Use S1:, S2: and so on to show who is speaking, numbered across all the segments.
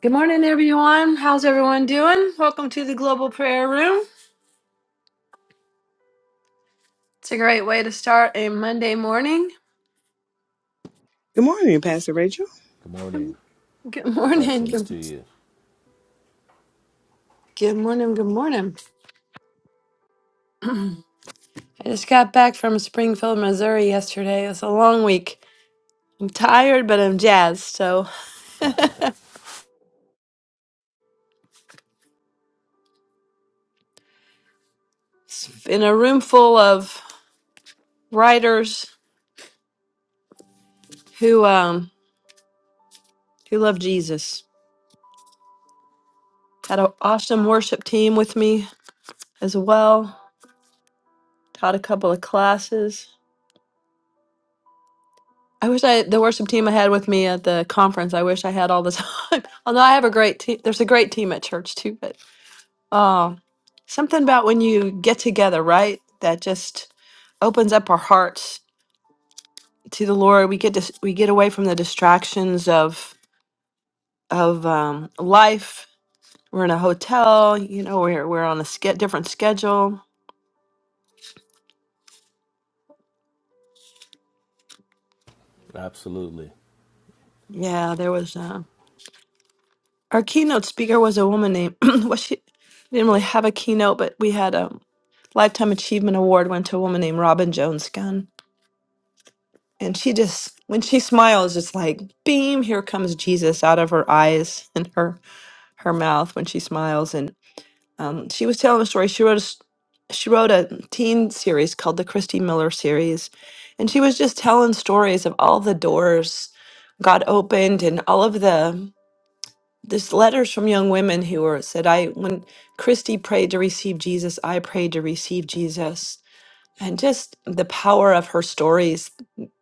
S1: Good morning, everyone. How's everyone doing? Welcome to the Global Prayer Room. It's a great way to start a Monday morning.
S2: Good morning, Pastor Rachel.
S3: Good morning.
S1: Good morning.
S3: Blessings
S1: Good,
S3: to you.
S1: good morning. Good morning. I just got back from Springfield, Missouri yesterday. It was a long week. I'm tired, but I'm jazzed. So, it's in a room full of writers who um who love Jesus. Had an awesome worship team with me as well. Taught a couple of classes. I wish I the worship team I had with me at the conference. I wish I had all the time. Although I have a great team, there's a great team at church too. But oh, something about when you get together, right? That just opens up our hearts to the Lord. We get dis- we get away from the distractions of of um, life. We're in a hotel, you know. We're we're on a ske- different schedule.
S3: Absolutely.
S1: Yeah, there was uh, our keynote speaker was a woman named. was she? We didn't really have a keynote, but we had um, Lifetime Achievement Award went to a woman named Robin Jones Gunn. And she just, when she smiles, it's like, beam, here comes Jesus out of her eyes and her her mouth when she smiles. And um, she was telling a story. She wrote a, s- she wrote a teen series called the Christy Miller series, and she was just telling stories of all the doors God opened and all of the this letters from young women who were said, I when Christy prayed to receive Jesus, I prayed to receive Jesus and just the power of her stories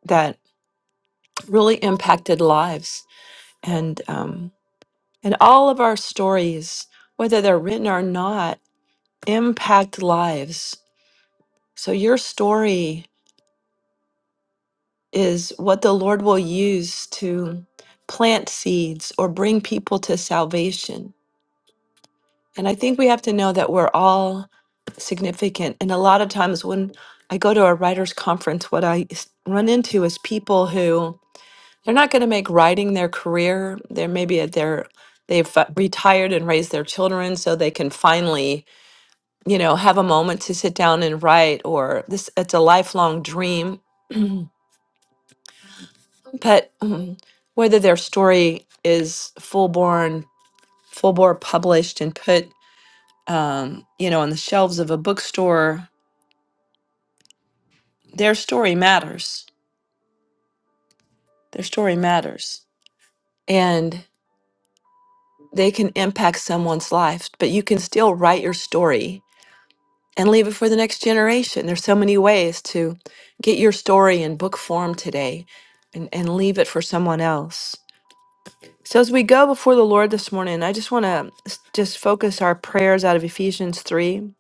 S1: that really impacted lives and um, and all of our stories whether they're written or not impact lives so your story is what the lord will use to plant seeds or bring people to salvation and i think we have to know that we're all significant and a lot of times when i go to a writers conference what i s- run into is people who they're not going to make writing their career. They're maybe at their they've uh, retired and raised their children so they can finally, you know, have a moment to sit down and write or this it's a lifelong dream. but mm, whether their story is full born full bore published and put um, you know on the shelves of a bookstore, their story matters. Their story matters. And they can impact someone's life, but you can still write your story and leave it for the next generation. There's so many ways to get your story in book form today and, and leave it for someone else. So as we go before the Lord this morning, I just want to just focus our prayers out of Ephesians 3,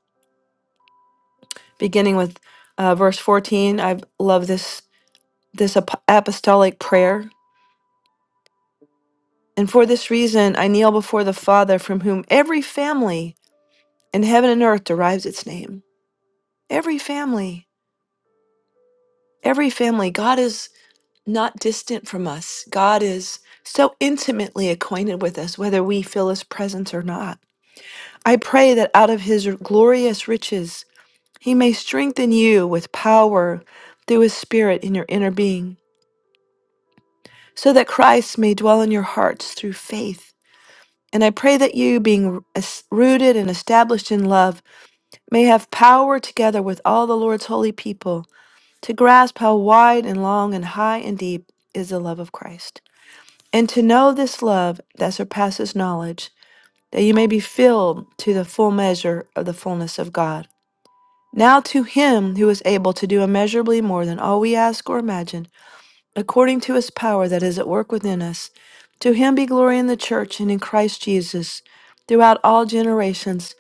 S1: beginning with uh, verse 14. I love this this ap- apostolic prayer. And for this reason, I kneel before the Father from whom every family in heaven and earth derives its name. Every family, every family. God is not distant from us. God is so intimately acquainted with us, whether we feel his presence or not. I pray that out of his glorious riches, he may strengthen you with power through his spirit in your inner being, so that Christ may dwell in your hearts through faith. And I pray that you, being es- rooted and established in love, may have power together with all the Lord's holy people to grasp how wide and long and high and deep is the love of Christ And to know this love that surpasses knowledge, that you may be filled to the full measure of the fullness of God. Now to him who is able to do immeasurably more than all we ask or imagine, according to his power that is at work within us, to him be glory in the church and in Christ Jesus throughout all generations,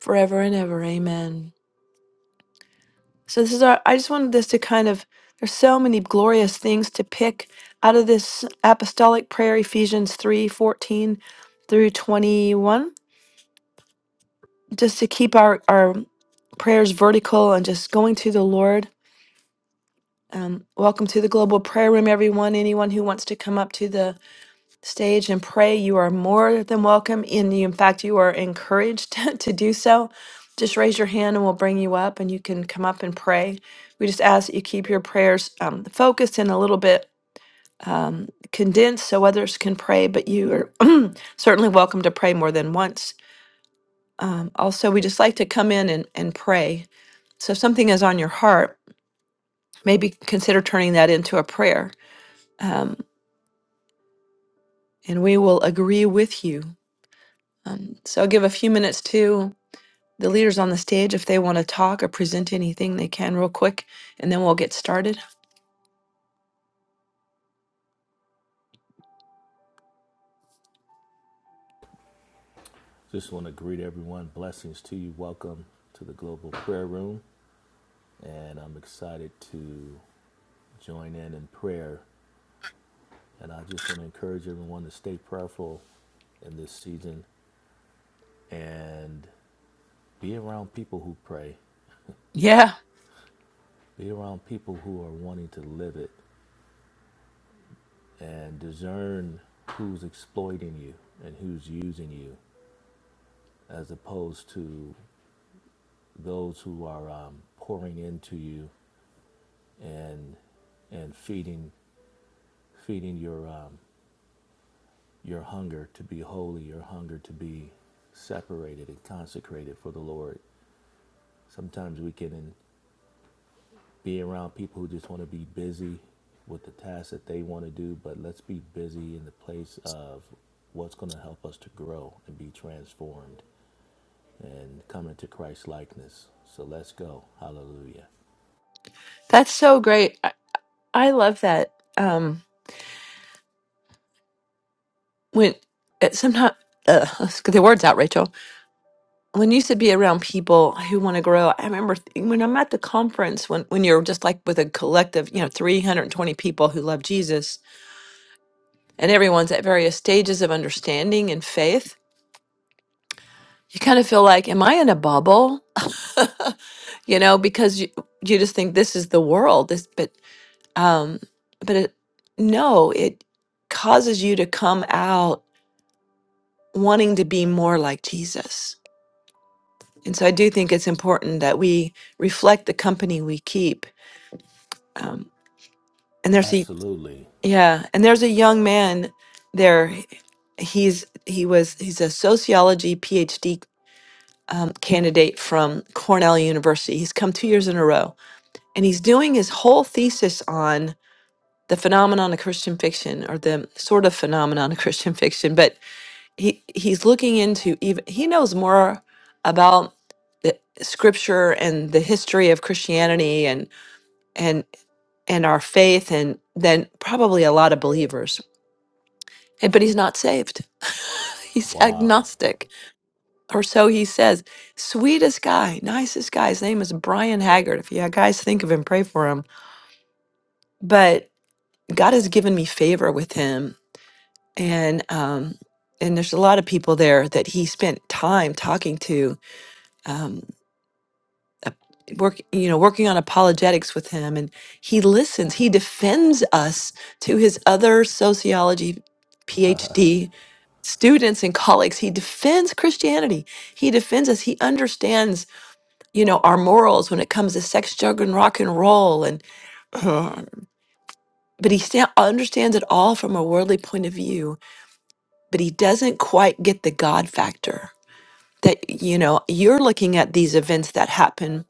S1: forever and ever. Amen. So this is our I just wanted this to kind of there's so many glorious things to pick out of this apostolic prayer Ephesians 3:14 through 21 just to keep our our prayers vertical and just going to the Lord. Um, welcome to the global prayer room everyone anyone who wants to come up to the stage and pray. You are more than welcome, and you, in fact, you are encouraged to do so. Just raise your hand and we'll bring you up and you can come up and pray. We just ask that you keep your prayers um, focused and a little bit um, condensed so others can pray, but you are certainly welcome to pray more than once. Um, also, we just like to come in and, and pray. So if something is on your heart, maybe consider turning that into a prayer um, and we will agree with you. Um, so I'll give a few minutes too the leaders on the stage if they want to talk or present anything they can real quick and then we'll get started
S3: Just want to greet everyone. Blessings to you. Welcome to the Global Prayer Room. And I'm excited to join in in prayer. And I just want to encourage everyone to stay prayerful in this season and be around people who pray,
S1: yeah
S3: be around people who are wanting to live it, and discern who's exploiting you and who's using you, as opposed to those who are um, pouring into you and and feeding feeding your um, your hunger to be holy, your hunger to be separated and consecrated for the Lord. Sometimes we can be around people who just want to be busy with the tasks that they want to do, but let's be busy in the place of what's going to help us to grow and be transformed and come into Christ's likeness. So let's go. Hallelujah.
S1: that's so great i, I love that um when it sometimes uh, let's get the words out rachel when you said be around people who want to grow i remember th- when i'm at the conference when, when you're just like with a collective you know 320 people who love jesus and everyone's at various stages of understanding and faith you kind of feel like am i in a bubble you know because you, you just think this is the world this but um but it, no it causes you to come out wanting to be more like jesus and so i do think it's important that we reflect the company we keep um and there's a
S3: Absolutely.
S1: yeah and there's a young man there he's he was he's a sociology phd um, candidate from cornell university he's come two years in a row and he's doing his whole thesis on the phenomenon of Christian fiction or the sort of phenomenon of Christian fiction, but he he's looking into even he knows more about the scripture and the history of Christianity and and and our faith and than probably a lot of believers. And- But he's not saved. He's
S3: Wow.
S1: agnostic, or so he says. Sweetest guy, nicest guy. His name is Brian Haggard. If you guys think of him, pray for him. But God has given me favor with him and um, and there's a lot of people there that he spent time talking to, um, uh, work you know working on apologetics with him, and he listens, he defends us to his other sociology PhD students and colleagues he defends christianity he defends us he understands you know our morals when it comes to sex drug and rock and roll and but he sta- understands it all from a worldly point of view but he doesn't quite get the God factor that, you know, you're looking at these events that happen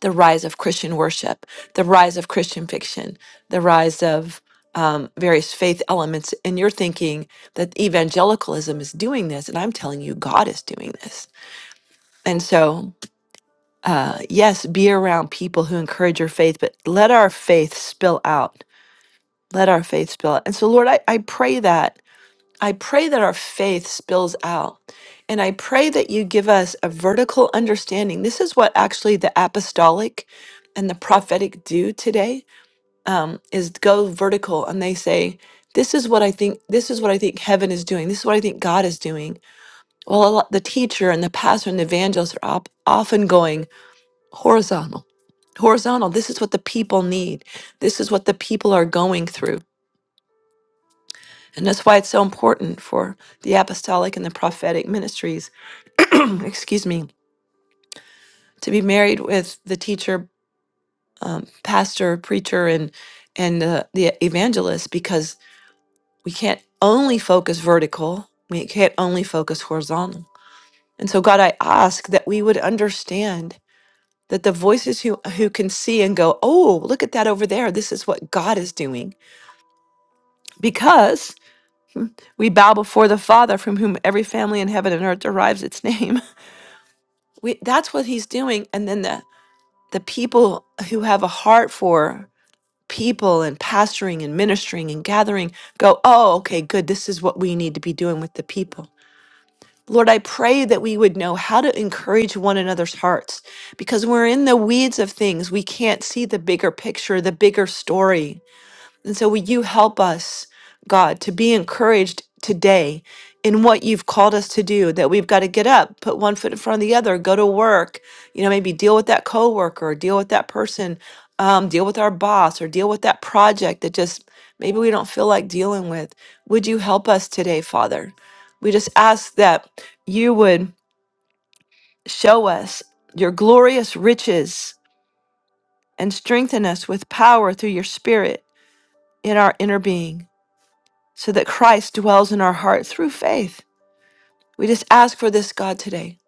S1: the rise of Christian worship, the rise of Christian fiction, the rise of um, various faith elements, and you're thinking that evangelicalism is doing this, and I'm telling you, God is doing this. And so, uh, yes, be around people who encourage your faith, but let our faith spill out. Let our faith spill out. And so, Lord, I, I pray that I pray that our faith spills out. And I pray that you give us a vertical understanding. This is what actually the apostolic and the prophetic do today um, is go vertical and they say, this is what I think, this is what I think heaven is doing. This is what I think God is doing. Well, a lot, the teacher and the pastor and the evangelist are op- often going horizontal. Horizontal. This is what the people need. This is what the people are going through. And that's why it's so important for the apostolic and the prophetic ministries, excuse me, to be married with the teacher, um, pastor, preacher, and and uh, the evangelist, because we can't only focus vertical. We can't only focus horizontal. And so, God, I ask that we would understand that the voices who who can see and go, oh, look at that over there. This is what God is doing, because we bow before the Father, from whom every family in heaven and earth derives its name. we that's what he's doing and then the the people who have a heart for people and pastoring and ministering and gathering go oh okay good this is what we need to be doing with the people lord i pray that we would know how to encourage one another's hearts because we're in the weeds of things we can't see the bigger picture the bigger story and so, will you help us, God, to be encouraged today in what you've called us to do? That we've got to get up, put one foot in front of the other, go to work, you know, maybe deal with that coworker, deal with that person, um, deal with our boss, or deal with that project that just maybe we don't feel like dealing with. Would you help us today, Father? We just ask that you would show us your glorious riches and strengthen us with power through your spirit in our inner being. so that Christ dwells in our heart through faith. We just ask for this, God, today.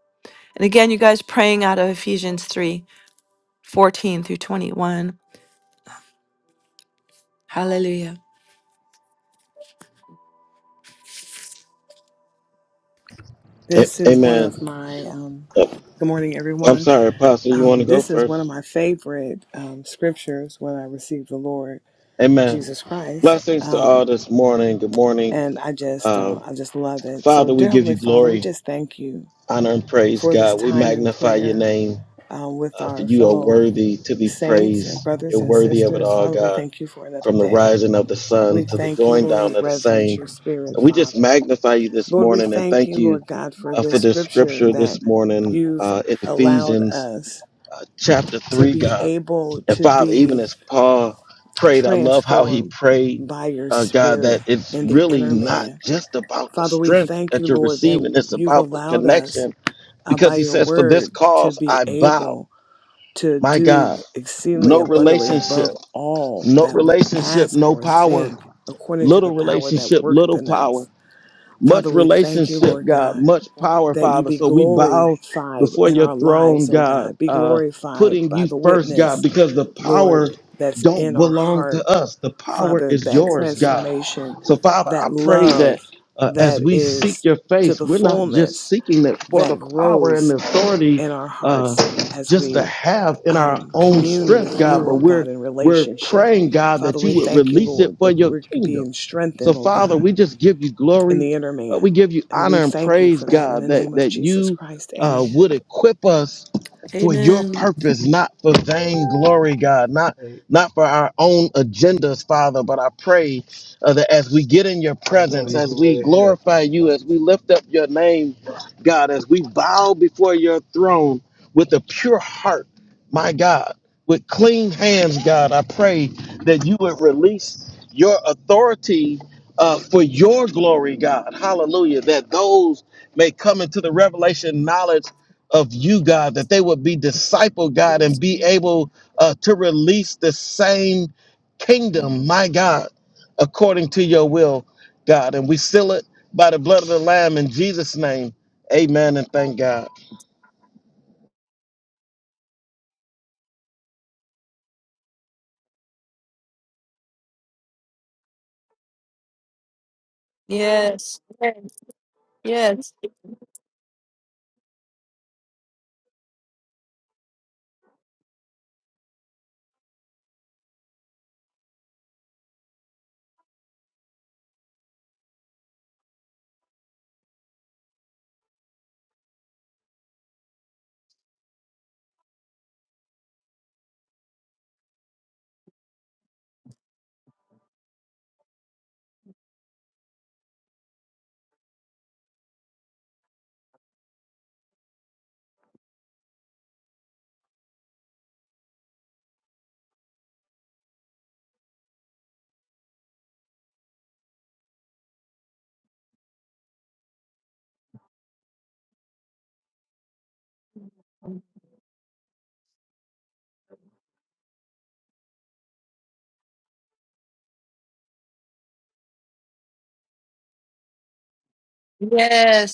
S1: And again, you guys praying out of Ephesians three, fourteen through 21. Hallelujah.
S4: A-
S2: This is one of
S4: Amen.
S2: my, um,
S4: Uh,
S2: good morning,
S4: I'm
S2: everyone.
S4: sorry, Apostle, you want
S2: Um,
S4: to go
S2: this is one of
S4: first?
S2: my favorite um, scriptures when I received the Lord
S4: Amen.
S2: Jesus Christ.
S4: Blessings to all
S2: Um,
S4: this morning. Good morning.
S2: and I just,
S4: Uh,
S2: uh, I just love it. So,
S4: Father, we
S2: dear
S4: give you
S2: Heavenly Father, we
S4: glory,
S2: just thank you
S4: honor, and praise,
S2: for this
S4: God. We
S2: time in
S4: magnify your
S2: prayer
S4: name,
S2: uh, with
S4: uh, for
S2: our
S4: you are
S2: fellow
S4: worthy to be
S2: saints
S4: praised.
S2: and
S4: You're
S2: brothers and
S4: worthy of it
S2: sisters.
S4: all,
S2: Father, we
S4: God,
S2: thank you for another
S4: from the
S2: day.
S4: rising of the sun
S2: We
S4: to the
S2: thank you,
S4: going
S2: Lord. We
S4: down of the
S2: reverence
S4: same.
S2: your spirit,
S4: And we just
S2: Father.
S4: magnify you this
S2: Lord, we
S4: morning and
S2: thank
S4: thank
S2: you,
S4: you
S2: Lord God, for
S4: uh, for
S2: this
S4: this
S2: scripture
S4: scripture
S2: that
S4: this morning
S2: you've
S4: uh, in
S2: allowed
S4: Ephesians
S2: us
S4: uh, chapter
S2: to
S4: 3,
S2: be
S4: God.
S2: able
S4: And
S2: to
S4: Father, even
S2: be
S4: as Paul prayed, I love how he
S2: transformed
S4: prayed,
S2: by your
S4: uh, God,
S2: spirit
S4: that it's
S2: in the
S4: really
S2: inner
S4: not
S2: man.
S4: just about the
S2: Father, we
S4: strength
S2: thank
S4: that
S2: you,
S4: you're
S2: Lord, that
S4: receiving, it's
S2: you've
S4: about the
S2: allowed us
S4: connection.
S2: uh, by
S4: Because he
S2: your
S4: says, For this
S2: word to
S4: cause
S2: be
S4: I bow.
S2: able to
S4: My God,
S2: do exceedingly
S4: no
S2: abundantly
S4: relationship,
S2: above all
S4: no
S2: that we
S4: relationship,
S2: ask
S4: no
S2: or
S4: power,
S2: think according to
S4: little
S2: the power that
S4: relationship,
S2: worketh
S4: little
S2: in
S4: power
S2: us. Father,
S4: much
S2: we thank you,
S4: relationship,
S2: Lord
S4: God,
S2: God
S4: much power,
S2: that you
S4: Father.
S2: be
S4: So we bow
S2: glorified
S4: before
S2: in
S4: your
S2: our
S4: throne,
S2: lives, oh
S4: God,
S2: God. Be
S4: uh,
S2: glorified
S4: putting
S2: by
S4: you
S2: the
S4: first, God,
S2: witness,
S4: because the
S2: Lord,
S4: power
S2: that's
S4: don't
S2: in our
S4: belong to
S2: heart,
S4: us. The power
S2: Father,
S4: is
S2: that
S4: yours, God.
S2: transformation,
S4: So, Father, I
S2: that
S4: pray that
S2: love
S4: uh, as
S2: that
S4: we seek
S2: is
S4: your
S2: to
S4: face,
S2: the
S4: we're not just
S2: fullness
S4: seeking it for the
S2: that
S4: power and
S2: grows
S4: the authority
S2: in our
S4: uh,
S2: hearts as
S4: just to
S2: we
S4: have in our
S2: um,
S4: own
S2: commune
S4: strength,
S2: with
S4: God,
S2: you,
S4: but
S2: oh
S4: we're
S2: God, in
S4: we're
S2: relationship.
S4: praying, God,
S2: Father,
S4: that
S2: we
S4: you would
S2: thank you,
S4: release it
S2: Lord,
S4: for
S2: that
S4: your
S2: we're
S4: kingdom.
S2: being
S4: So,
S2: strengthened, oh
S4: Father,
S2: God,
S4: we just give you
S2: in
S4: glory
S2: the inner
S4: uh, we
S2: man.
S4: give you
S2: And we
S4: honor and
S2: thank you
S4: praise,
S2: for that in
S4: God,
S2: the
S4: that
S2: name of
S4: that
S2: Jesus
S4: you
S2: Christ.
S4: uh,
S2: Amen.
S4: would equip us for your
S1: Amen.
S4: purpose, not for vainglory, God, not
S5: Hey,
S4: not for our own agendas, Father, but I pray uh, that as we get in your
S5: I know
S4: presence,
S5: you go
S4: as we
S5: right ahead.
S4: glorify you, as
S5: Blessings.
S4: we
S5: to you.
S4: lift up your name, God, as we bow before your throne with a pure heart, my God, with clean hands, God, I pray that you would release your authority uh, for your glory, God. Hallelujah. That those may come into the revelation knowledge of you, God, that they would be disciple, God, and be able uh, to release the same kingdom, my God, according to your will, God. And we seal it by the blood of the Lamb in Jesus' name. Amen and thank God.
S1: Yes. Amen. Yes. Yes.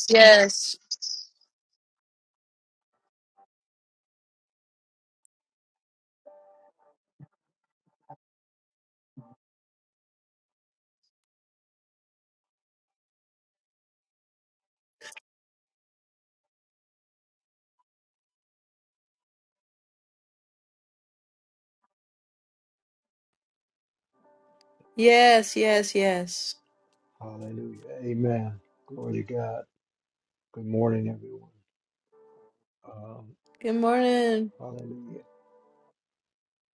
S1: Yes. Yes. Yes. Yes.
S5: Hallelujah. Amen. Glory to God. Good morning, everyone. Um,
S1: Good morning.
S5: hallelujah.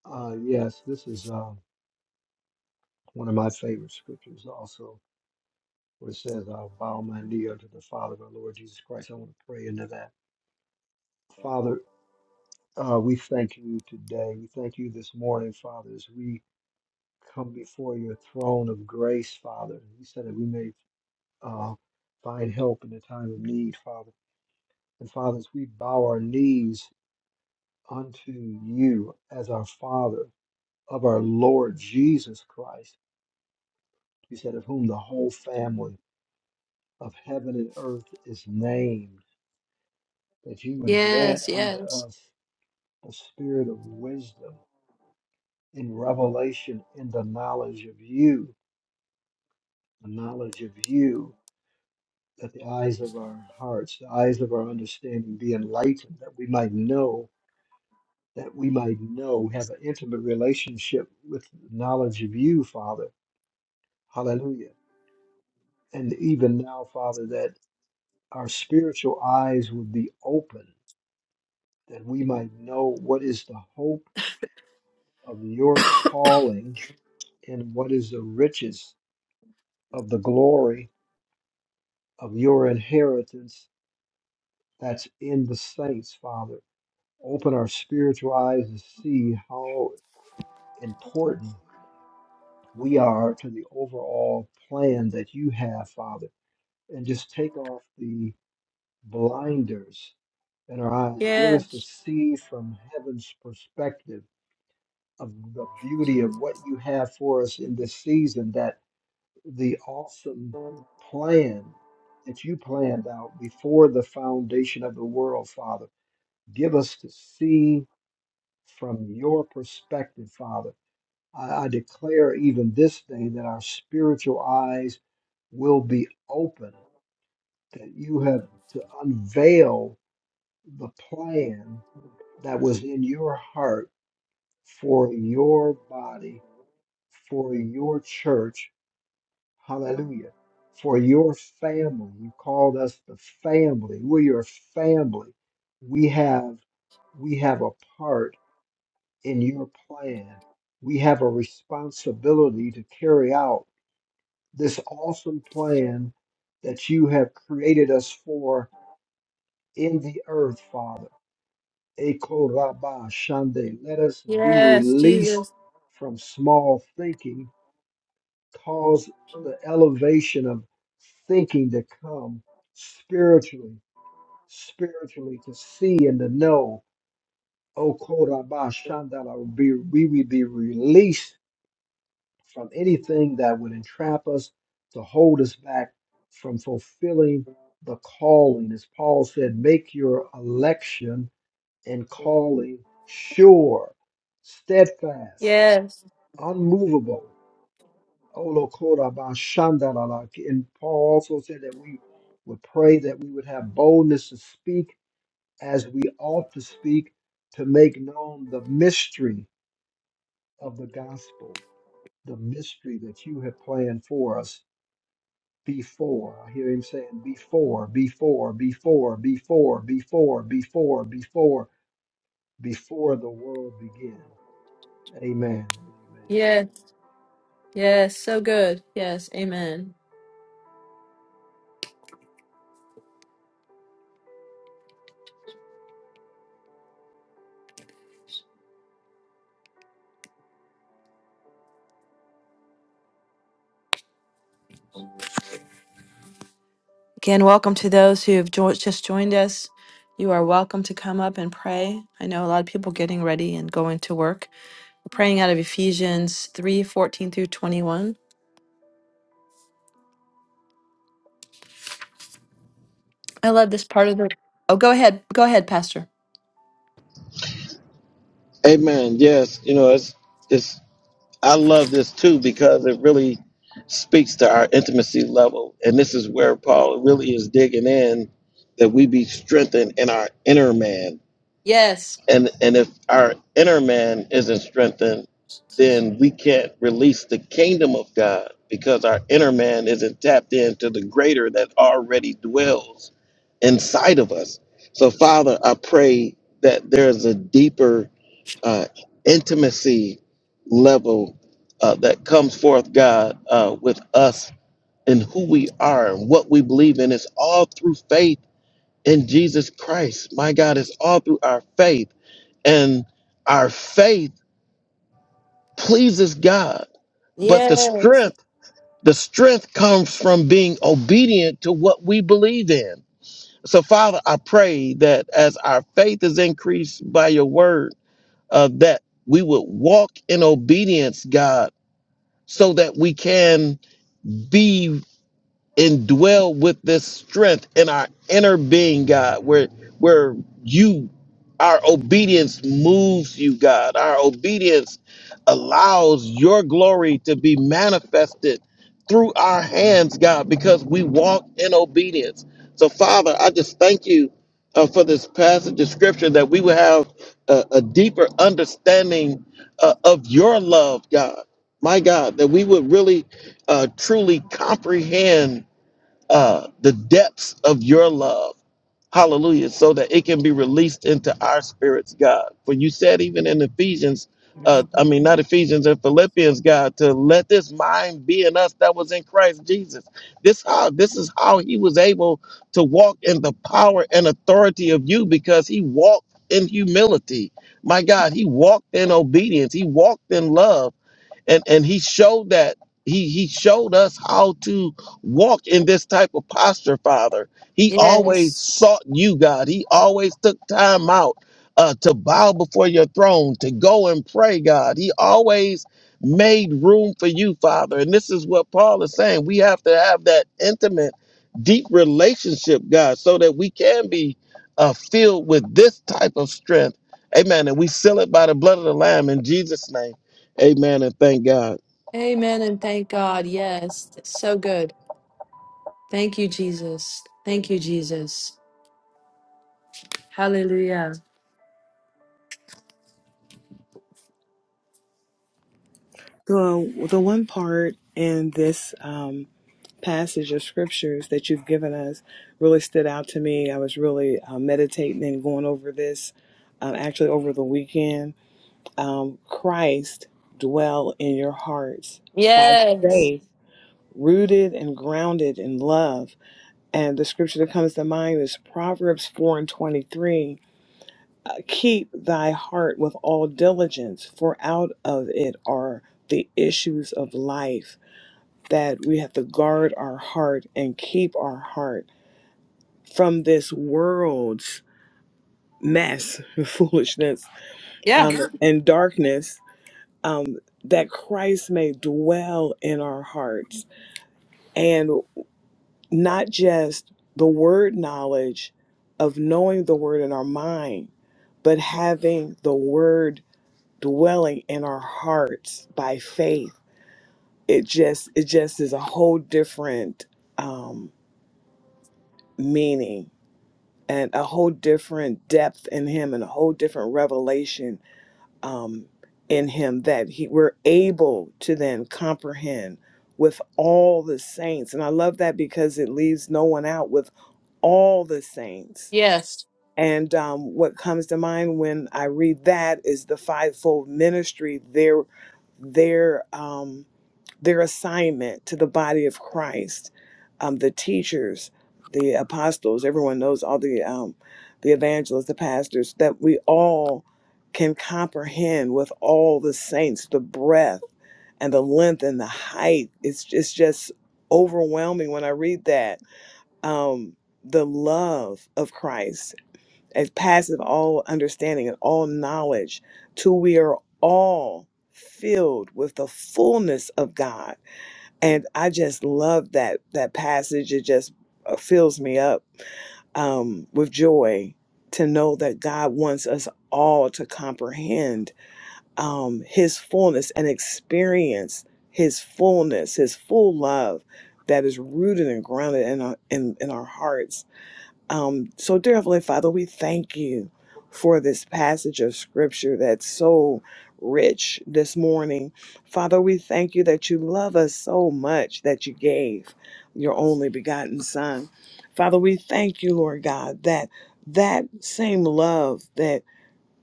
S5: Uh, yes, this is uh, one of my favorite scriptures also, where it says, I'll bow my knee unto the Father of our Lord Jesus Christ. I want to pray into that. Father, uh, we thank you today. We thank you this morning, Father, as we come before your throne of grace, Father. You said that we may uh, find help in the time of need, Father. And fathers, we bow our knees unto you as our Father of our Lord Jesus Christ. You said, of whom the whole family of heaven and earth is named, that you would grant
S1: Yes.
S5: unto
S1: Yes.
S5: us the spirit of wisdom in revelation in the knowledge of you, the knowledge of you, that the eyes of our hearts, the eyes of our understanding be enlightened, that we might know that we might know, have an intimate relationship with knowledge of you, Father. Hallelujah. And even now, Father, that our spiritual eyes would be open, that we might know what is the hope of your calling and what is the riches of the glory of your inheritance that's in the saints, Father. Open our spiritual eyes to see how important we are to the overall plan that you have, Father and just take off the blinders in our eyes. Give us to
S1: Yes.
S5: see from heaven's perspective of the beauty of what you have for us in this season, that the awesome plan that you planned out before the foundation of the world, Father. Give us to see from your perspective, Father. I, I declare even this day that our spiritual eyes will be open, that you have to unveil the plan that was in your heart for your body, for your church. Hallelujah. For your family. You called us the family. We're your family. We have we have a part in your plan. We have a responsibility to carry out this awesome plan that you have created us for in the earth, Father. Ekoraba Shande. Let us be
S1: Yes.
S5: released
S1: Jesus.
S5: from small thinking. Cause the elevation of thinking to come spiritually, spiritually to see and to know. Okoraba Shandala. Be- We will be released from anything that would entrap us to hold us back from fulfilling the calling. As Paul said, make your election and calling sure, steadfast,
S1: Yes.
S5: unmovable. Olokorabashandaralaki. And Paul also said that we would pray that we would have boldness to speak as we ought to speak to make known the mystery of the gospel, the mystery that you have planned for us before. I hear him saying before, before, before, before, before, before, before, before the world began. Amen.
S1: Yes. Yes. So good. Yes. Amen. Again, welcome to those who have jo- just joined us. You are welcome to come up and pray. I know a lot of people getting ready and going to work. We're praying out of Ephesians three fourteen through 21. I love this part of the. Oh, go ahead. Go ahead, Pastor.
S4: Amen. Yes, you know, it's it's I love this too because it really speaks to our intimacy level. And this is where Paul really is digging in that we be strengthened in our inner man
S1: Yes.
S4: and and if our inner man isn't strengthened then we can't release the kingdom of god because our inner man isn't tapped into the greater that already dwells inside of us so father i pray that there's a deeper uh, intimacy level uh, that comes forth god uh, with us and who we are and what we believe in it's all through faith in Jesus Christ. My God, it's all through our faith. And our faith pleases God. But the strength, the strength comes from being obedient to what we believe in. So, Father, I pray that as our faith is increased by your word, uh, that we would walk in obedience, God, so that we can be indwell with this strength in our inner being, God, where where you our obedience moves you, God. Our obedience allows your glory to be manifested through our hands, God, because we walk in obedience. So, Father, I just thank you uh, for this passage of scripture that we will have a, a deeper understanding uh, of your love, God. My God, that we would really uh, truly comprehend uh, the depths of your love. Hallelujah. So that it can be released into our spirits, God. For you said, even in Ephesians, uh, I mean, not Ephesians and Philippians, God, to let this mind be in us that was in Christ Jesus. This how this is how he was able to walk in the power and authority of you because he walked in humility. My God, he walked in obedience. He walked in love and and he showed that he he showed us how to walk in this type of posture father he always
S1: Yes.
S4: sought you god he always took time out uh, to bow before your throne to go and pray god he always made room for you father and this is what paul is saying we have to have that intimate deep relationship god so that we can be uh, filled with this type of strength amen and we seal it by the blood of the lamb in jesus name Amen and thank God.
S1: Amen. And thank God. Yes. It's so good. Thank you, Jesus. Thank you, Jesus. Hallelujah.
S2: The, the one part in this um, passage of scriptures that you've given us really stood out to me. I was really uh, meditating and going over this um, actually over the weekend. Um, Christ dwell in your hearts by
S1: Yes.
S2: faith, rooted and grounded in love. And the scripture that comes to mind is Proverbs 4 and 23. Uh, Keep thy heart with all diligence, for out of it are the issues of life that we have to guard our heart and keep our heart from this world's mess, foolishness,
S1: Yeah.
S2: um, and darkness, um, that Christ may dwell in our hearts. And not just the word knowledge of knowing the word in our mind, but having the word dwelling in our hearts by faith. It just it just is a whole different um, meaning and a whole different depth in him and a whole different revelation um, in him that he we're able to then comprehend with all the saints and i love that because it leaves no one out with all the saints
S1: Yes.
S2: and um, what comes to mind when i read that is the fivefold ministry there there their assignment to the body of Christ, um, the teachers, the apostles, everyone knows all the um, the evangelists, the pastors, that we all can comprehend with all the saints the breadth and the length and the height. It's it's just overwhelming when I read that. Um, the love of Christ it passeth all understanding and all knowledge, till we are all filled with the fullness of God and I just love that that passage. It just uh, fills me up um, with joy to know that God wants us all to comprehend um, His fullness and experience His fullness, His full love that is rooted and grounded in our, in, in our hearts um, so, dear Heavenly Father, we thank you for this passage of scripture that's so rich this morning. Father, we thank you that you love us so much that you gave your only begotten Son. Father, we thank you, Lord God, that that same love that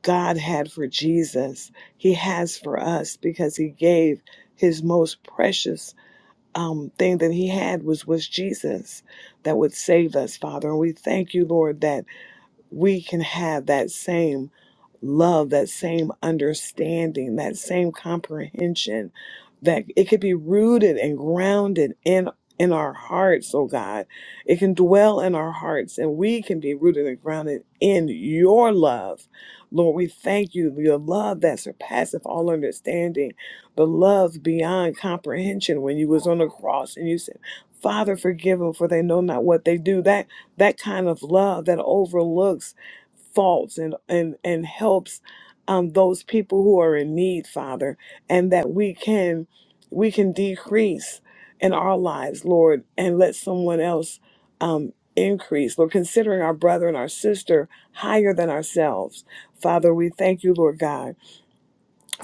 S2: God had for Jesus, He has for us because He gave His most precious um, thing that he had was was Jesus that would save us, Father. And we thank you, Lord, that we can have that same love, that same understanding, that same comprehension, that it could be rooted and grounded in in our hearts, oh God. It can dwell in our hearts and we can be rooted and grounded in your love. Lord, we thank you, your love that surpasseth all understanding, the love beyond comprehension when you was on the cross and you said, Father, forgive them for they know not what they do. That that kind of love that overlooks faults and and and helps um, those people who are in need, Father, and that we can we can decrease in our lives, Lord, and let someone else um, increase. Lord, considering our brother and our sister higher than ourselves, Father, we thank you, Lord God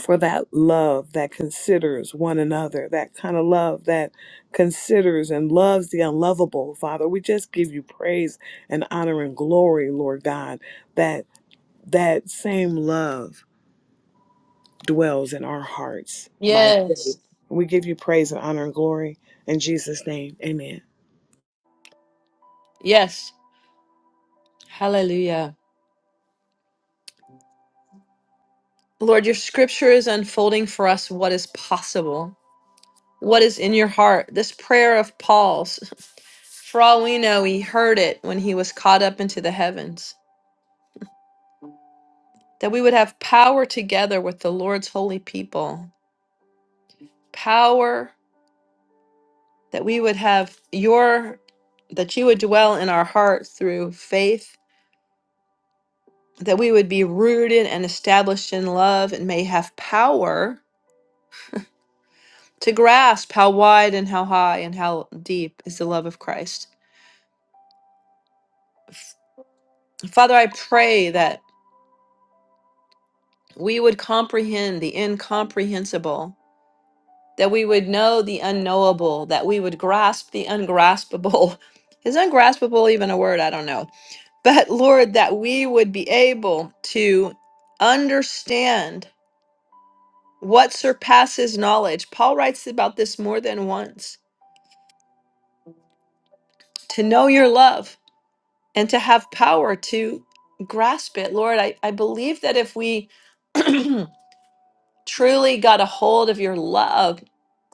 S2: for that love that considers one another, that kind of love that considers and loves the unlovable, Father. We just give you praise and honor and glory, Lord God, that that same love dwells in our hearts by
S1: Yes.
S2: faith. We give you praise and honor and glory in Jesus' name. Amen.
S1: Yes. Hallelujah. Lord, your scripture is unfolding for us what is possible, what is in your heart. This prayer of Paul's, for all we know, he heard it when he was caught up into the heavens, that we would have power together with the Lord's holy people, power that we would have your, that you would dwell in our heart through faith, that we would be rooted and established in love and may have power to grasp how wide and how high and how deep is the love of Christ Father, I pray that we would comprehend the incomprehensible, that we would know the unknowable, that we would grasp the ungraspable. Is ungraspable even a word? I don't know. But Lord, that we would be able to understand what surpasses knowledge. Paul writes about this more than once to know your love and to have power to grasp it. Lord, I, I believe that if we truly got a hold of your love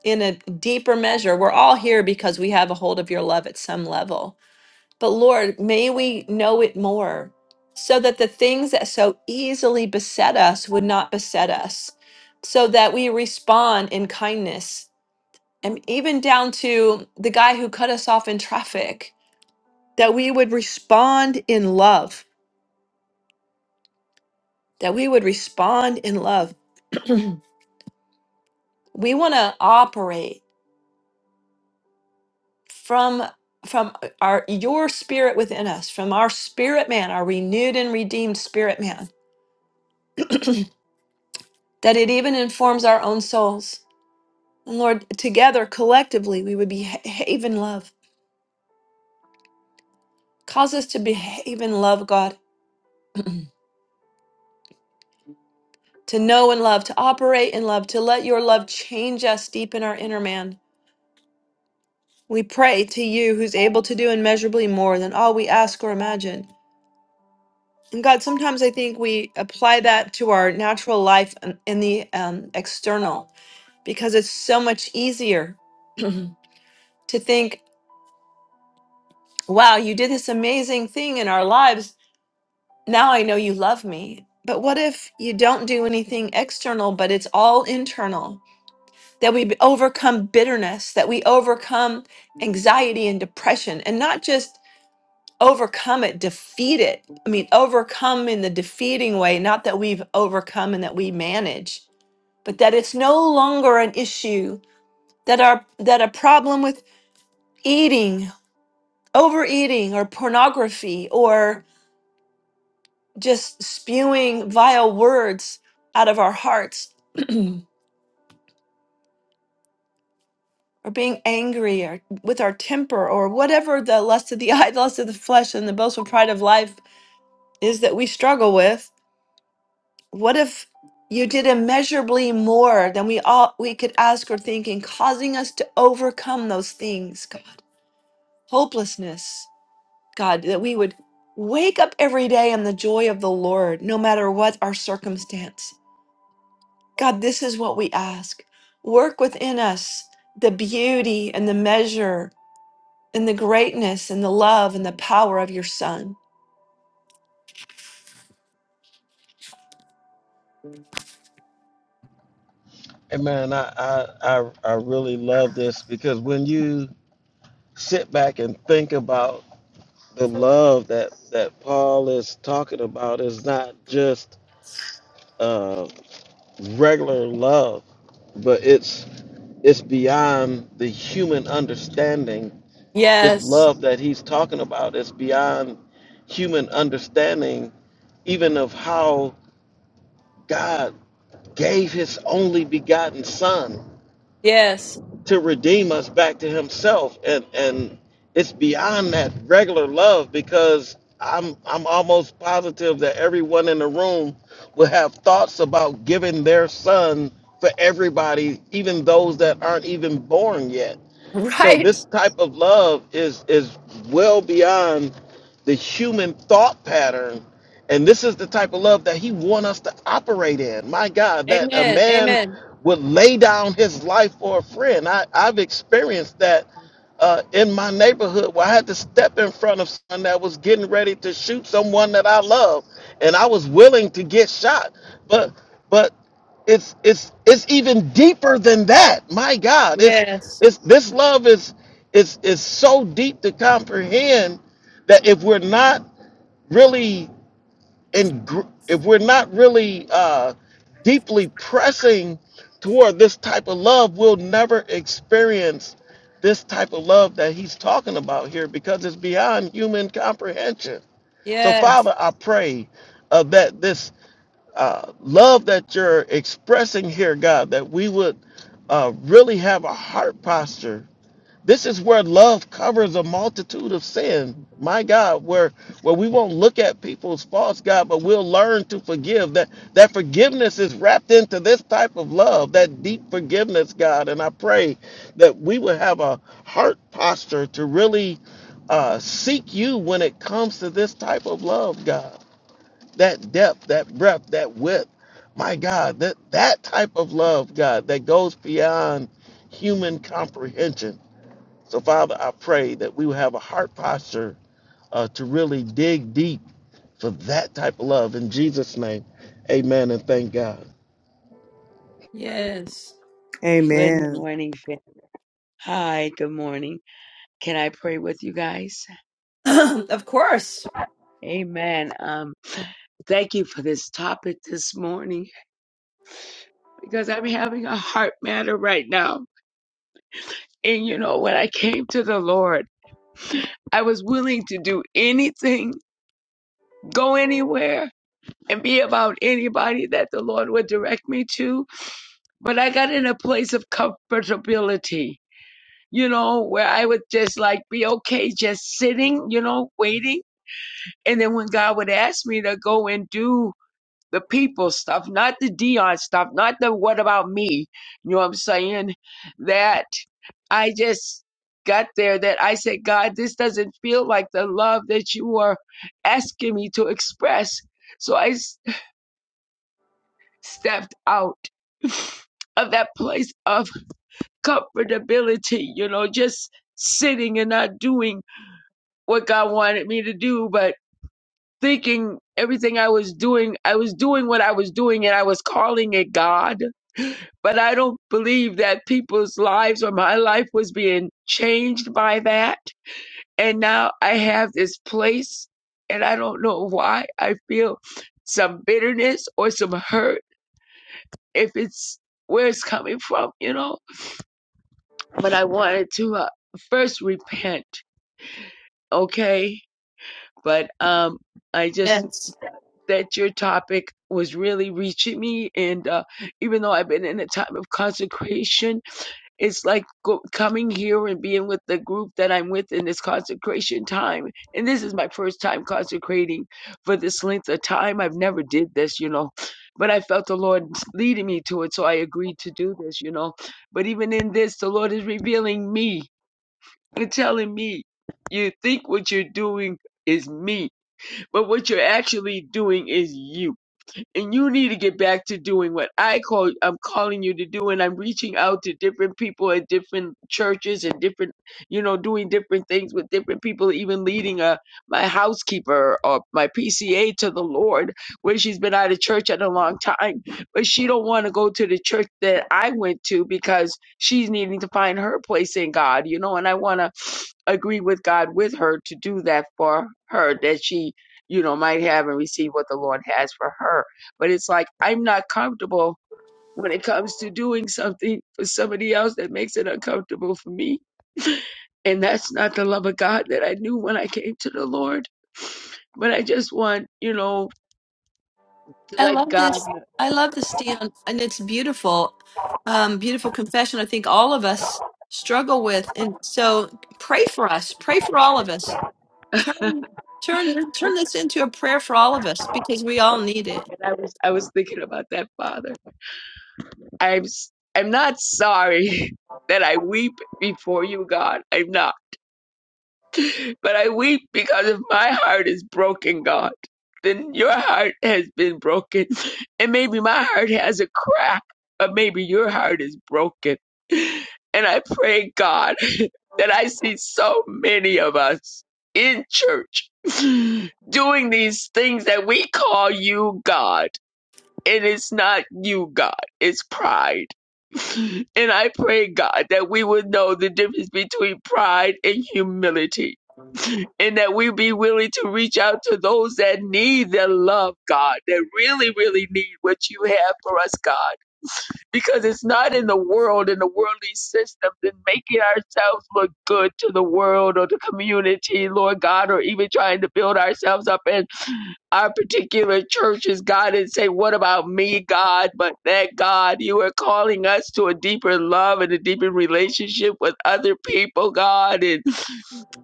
S1: in a deeper measure. We're all here because we have a hold of your love at some level. But Lord, may we know it more so that the things that so easily beset us would not beset us, so that we respond in kindness. And even down to the guy who cut us off in traffic, that we would respond in love, that we would respond in love. we want to operate. from from our your spirit within us from our spirit man our renewed and redeemed spirit man that it even informs our own souls and lord together collectively we would behave in love cause us to behave in love god to know and love to operate in love to let your love change us deep in our inner man we pray to you who's able to do immeasurably more than all we ask or imagine and God, sometimes I think we apply that to our natural life and- in the um, external. because it's so much easier to think, wow, you did this amazing thing in our lives. Now I know you love me. But what if you don't do anything external, but it's all internal? That we b- overcome bitterness, that we overcome anxiety and depression, and not just overcome it, defeat it. I mean, overcome in the defeating way, not that we've overcome and that we manage, but that it's no longer an issue, that our that a problem with eating overeating or pornography or just spewing vile words out of our hearts or being angry or with our temper or whatever the lust of the eye, the lust of the flesh, and the boastful pride of life is that we struggle with. What if you did immeasurably more than we all we could ask or think in causing us to overcome those things, God? Hopelessness, God, that we would wake up every day in the joy of the Lord, no matter what our circumstance God, this is what we ask. Work within us the beauty and the measure and the greatness and the love and the power of your Son.
S4: Amen. I, I I I really love this because when you sit back and think about the love that that Paul is talking about is not just uh, regular love, but it's it's beyond the human understanding. This
S1: Yes.
S4: love that he's talking about is beyond human understanding, even of how God gave His only begotten Son
S1: Yes.
S4: to redeem us back to himself and and it's beyond that regular love because I'm I'm almost positive that everyone in the room will have thoughts about giving their son for everybody even those that aren't even born yet so
S1: Right.
S4: this type of love is is well beyond the human thought pattern, and this is the type of love that He wants us to operate in. My God, that a
S1: Amen.
S4: man
S1: Amen.
S4: would lay down his life for a friend. I, I've experienced that uh, in my neighborhood where I had to step in front of someone that was getting ready to shoot someone that I love, and I was willing to get shot, but. But it's it's it's even deeper than that my god it's
S1: Yes.
S4: it's this love is is is so deep to comprehend that if we're not really in gr- if we're not really uh deeply pressing toward this type of love we'll never experience this type of love that he's talking about here because it's beyond human comprehension so
S1: Yes.
S4: father i pray uh, that this uh, love that you're expressing here, God, that we would uh, really have a heart posture. This is where love covers a multitude of sin. My God, where where we won't look at people's faults, God, but we'll learn to forgive. That that forgiveness is wrapped into this type of love, that deep forgiveness, God. And I pray that we would have a heart posture to really uh, seek you when it comes to this type of love, God that depth, that breadth, that width. My God, that that type of love, God, that goes beyond human comprehension. So, Father, I pray that we will have a heart posture uh, to really dig deep for that type of love. In Jesus' name, Amen, and thank God.
S1: Yes.
S6: Good
S2: Amen.
S6: morning. fam- Hi, good morning. Can I pray with you guys?
S1: of course.
S6: Amen. Um, thank you for this topic this morning because I'm having a heart matter right now. And you know, when I came to the Lord, I was willing to do anything, go anywhere, and be about anybody that the Lord would direct me to. But I got in a place of comfortability, you know, where I would just like be okay just sitting, you know, waiting And then when God would ask me to go and do the people stuff, not the Dion stuff, not the what about me, you know what I'm saying? That I just got there that I said, God, this doesn't feel like the love that you are asking me to express. So I s- stepped out of that place of comfortability, you know, just sitting and not doing what God wanted me to do. But thinking everything I was doing, I was doing what I was doing and I was calling it God. But I don't believe that people's lives or my life was being changed by that. And now I have this place and I don't know why I feel some bitterness or some hurt if it's where it's coming from, you know. But I wanted to uh, first repent, okay? But um, I just
S1: Yes.
S6: that your topic was really reaching me. And uh, even though I've been in a time of consecration, it's like go- coming here and being with the group that I'm with in this consecration time. And this is my first time consecrating for this length of time. I've never did this, you know, but I felt the Lord leading me to it. So I agreed to do this, you know. But even in this, the Lord is revealing me and telling me, you think what you're doing is me, but what you're actually doing is you and you need to get back to doing what I call I'm calling you to do and I'm reaching out to different people at different churches and different you know doing different things with different people even leading a my housekeeper or my PCA to the Lord where she's been out of church at a long time but she don't want to go to the church that I went to because she's needing to find her place in God you know and I want to agree with God with her to do that for her that she, you know, might have and receive what the Lord has for her. But it's like I'm not comfortable when it comes to doing something for somebody else that makes it uncomfortable for me. And that's not the love of God that I knew when I came to the Lord. But I just want, you know, to
S1: I
S6: let
S1: love
S6: God.
S1: this. I love this, Dion, and it's beautiful. Um, beautiful confession. I think all of us struggle with, and so pray for us. Pray for all of us. Turn turn turn this into a prayer for all of us because we all need it.
S6: And I was, I was thinking about that, Father. I'm, s- I'm not sorry that I weep before you, God. I'm not. But I weep because if my heart is broken, God, then your heart has been broken. And maybe my heart has a crack, or maybe your heart is broken. And I pray, God, that I see so many of us in church doing these things that we call you God. And it's not you, God, it's pride. And I pray, God, that we would know the difference between pride and humility and that we be willing to reach out to those that need that love, God, that really, really need what you have for us, God, because it's not in the world, in the worldly systems, and making ourselves look good to the world or the community, Lord God, or even trying to build ourselves up in our particular churches, God, and say, What about me, God? But that, God, you are calling us to a deeper love and a deeper relationship with other people, God, and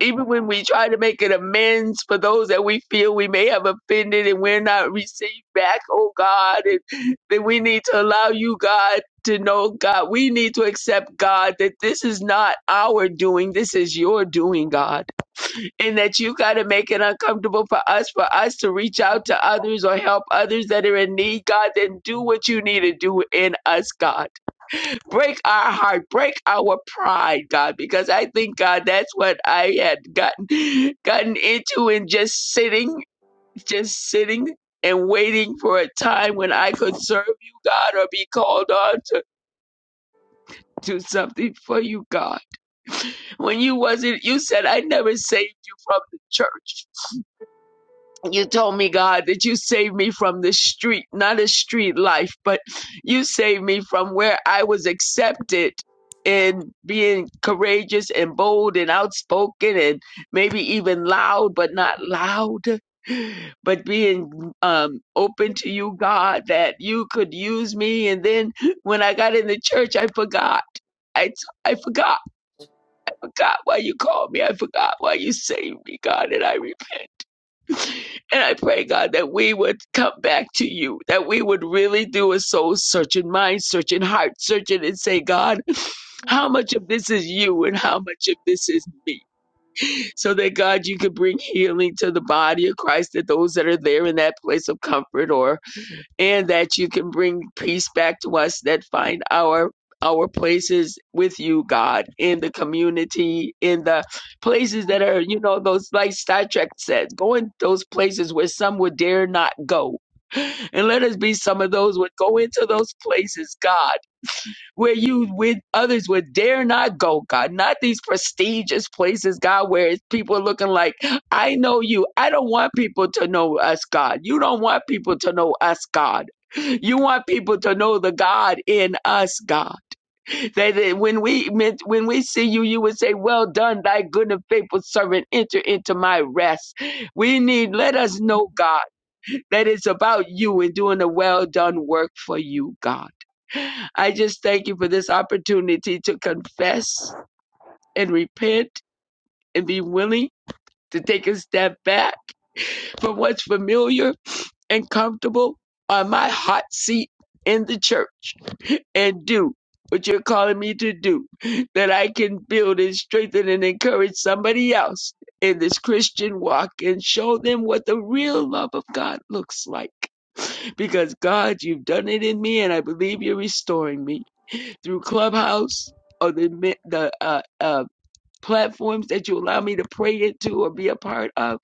S6: even when we try to make an amends for those that we feel we may have offended and we're not received back, oh God, and then we need to allow you, God, to know, God, we need to accept, God, that this is not our doing, this is your doing, God and that you got to make it uncomfortable for us, for us to reach out to others or help others that are in need, God, then do what you need to do in us, God break our heart, break our pride, God, because I think, God, that's what I had gotten gotten into in just sitting, just sitting and waiting for a time when I could serve you, God, or be called on to do something for you, God. When you wasn't, you said, I never saved you from the church. you told me, God, that you saved me from the street, not a street life, but you saved me from where I was accepted in being courageous and bold and outspoken and maybe even loud, but not loud. But being um, open to you, God, that you could use me. And then when I got in the church, I forgot. I, I forgot, forgot why you called me. I forgot why you saved me, God, and I repent. And I pray, God, that we would come back to you, that we would really do a soul searching, mind searching, heart searching, and say, God, how much of this is you and how much of this is me? So that, God, you could bring healing to the body of Christ, that those that are there in that place of comfort or and that you can bring peace back to us that find our our places with you god in the community in the places that are you know those like star trek says go in those places where some would dare not go and let us be some of those who would go into those places god where you with others would dare not go, God, not these prestigious places, God, where it's people looking like, I know you. I don't want people to know us, God. You don't want people to know us, God. You want people to know the God in us, God. That that when we meant- when we see you, you would say, "Well done, thy good and faithful servant. Enter into my rest." We need. Let us know, God that it's about you and doing a well done work for you, God. I just thank you for this opportunity to confess and repent and be willing to take a step back from what's familiar and comfortable on my hot seat in the church and do what you're calling me to do, that I can build and strengthen and encourage somebody else in this Christian walk and show them what the real love of God looks like because God, you've done it in me, and I believe you're restoring me through Clubhouse or the the uh, uh, platforms that you allow me to pray into or be a part of.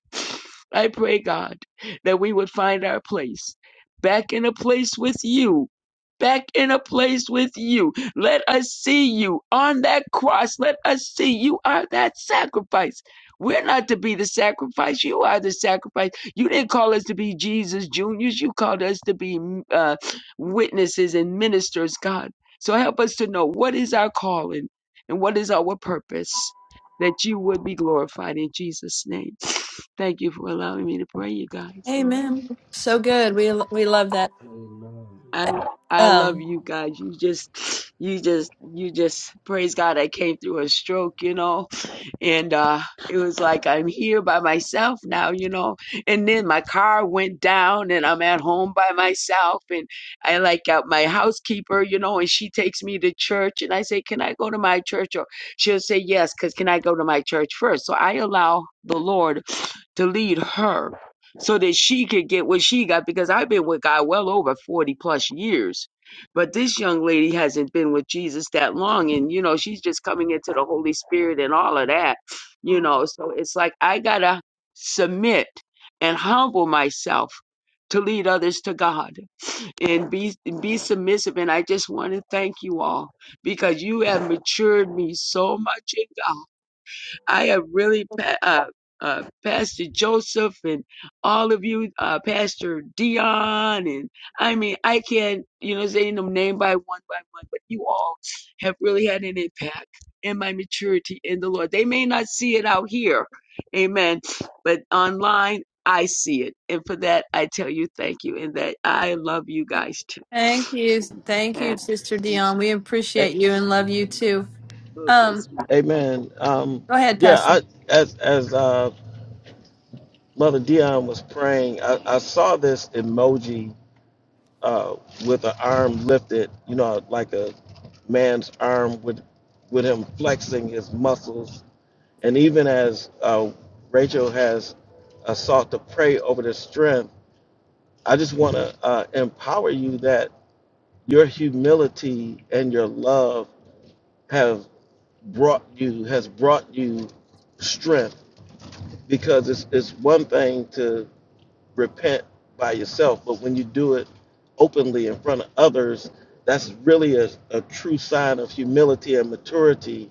S6: I pray, God, that we would find our place back in a place with you. Back in a place with you. Let us see you on that cross. Let us see you are that sacrifice. We're not to be the sacrifice. You are the sacrifice. You didn't call us to be Jesus juniors. You called us to be uh, witnesses and ministers, God. So help us to know what is our calling and what is our purpose that you would be glorified in Jesus' name. Thank you for allowing me to pray, you guys. Amen.
S1: Amen. So good. We we love that.
S5: Amen. Amen.
S6: I I love
S1: Um,
S6: you guys. You just you just you just praise God I came through a stroke, you know. and uh it was like i'm here by myself now you know and then my car went down and i'm at home by myself and i like got my housekeeper you know and she takes me to church and i say can i go to my church or she'll say yes because can i go to my church first so i allow the lord to lead her so that she could get what she got because i've been with god well over 40 plus years but this young lady hasn't been with Jesus that long, and you know, she's just coming into the Holy Spirit and all of that, you know. So it's like I gotta submit and humble myself to lead others to God and be be submissive. And I just want to thank you all because you have matured me so much in God I have really, pa- uh, uh, Pastor Joseph and all of you, uh, Pastor Dion, and I mean, I can't, you know, say them name by one by one, but you all have really had an impact in my maturity in the Lord. They may not see it out here, amen, but online, I see it. And for that, I tell you thank you, and that I love you guys too.
S1: thank you, thank you,
S6: And,
S1: Sister Dion. We
S4: A-
S1: appreciate you and love you too.
S6: okay,
S1: Um,
S6: sweetie.
S4: amen. Um,
S1: go ahead,
S4: yeah,
S1: Pastor.
S4: I as as uh, Mother Dion was praying, I, I saw this emoji uh, with an arm lifted, you know, like a man's arm with with him flexing his muscles. And even as uh, Rachel has a sought to pray over the strength, I just want to uh, empower you that your humility and your love have brought you has brought you strength because it's it's one thing to repent by yourself, but when you do it openly in front of others, that's really a, a true sign of humility and maturity.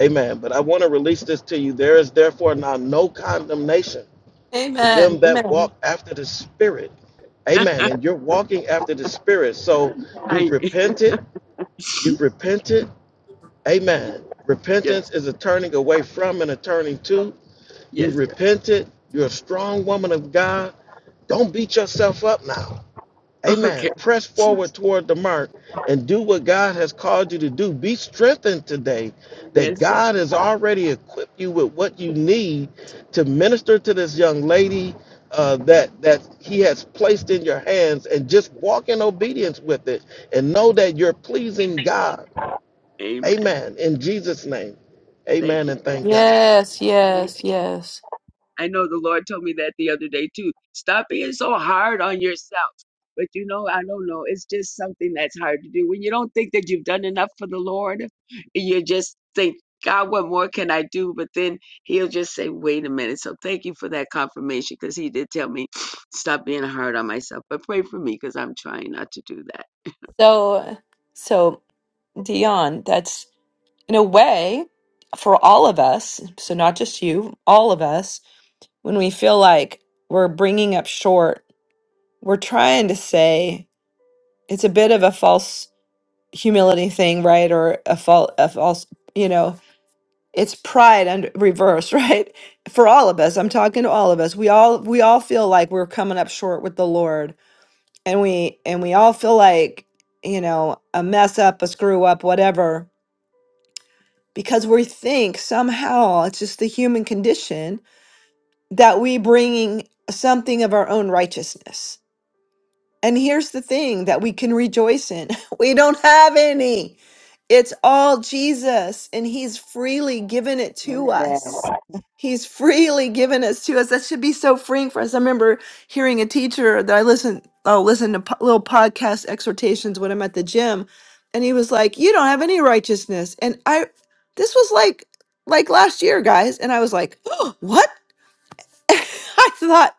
S4: Amen. But I want to release this to you. There is therefore now no condemnation for
S1: Amen.
S4: them that
S1: Amen.
S4: walk after the Spirit. Amen. And you're walking after the Spirit. So you've
S6: I,
S4: repented. You've repented. Amen.
S6: yes,
S4: Repentance is a turning away from and a turning to. You
S6: yes, sir.
S4: repented. You're a strong woman of God. Don't beat yourself up now. Amen.
S6: Okay,
S4: Press forward toward the mark and do what God has called you to do. Be strengthened today that
S6: yes, sir.
S4: God has already equipped you with what you need to minister to this young lady uh, that that He has placed in your hands, and just walk in obedience with it, and know that you're pleasing God.
S6: Amen.
S4: Amen. In Jesus' name,
S6: Thank
S4: Amen,
S6: you,
S4: and
S6: Pastor.
S4: thank God.
S1: Yes,
S6: Jay.
S1: yes, yes.
S6: I know the Lord told me that the other day too. Stop being so hard on yourself. But you know, I don't know. It's just something that's hard to do. When you don't think that you've done enough for the Lord, you just think, God, what more can I do? But then He'll just say, wait a minute. So thank you for that confirmation because He did tell me, stop being hard on myself. But pray for me because I'm trying not to do that.
S1: So, so Dion, that's in a way for all of us, so not just you, all of us, when we feel like we're bringing up short, we're trying to say it's a bit of a false humility thing, right? Or a, fal- a false, you know, it's pride under reverse, right? For all of us, I'm talking to all of us. We all we all feel like we're coming up short with the Lord, and we and we all feel like you know a mess up, a screw up, whatever because we think somehow it's just the human condition that we bringing something of our own righteousness and here's the thing that we can rejoice in we don't have any. It's all Jesus, and He's freely given it to us. He's freely given us to us. That should be so freeing for us. I remember hearing a teacher that I listened, oh, listen to po- little podcast exhortations when I'm at the gym, and he was like, "You don't have any righteousness." And I, this was like, like last year, guys, and I was like, "What?" I thought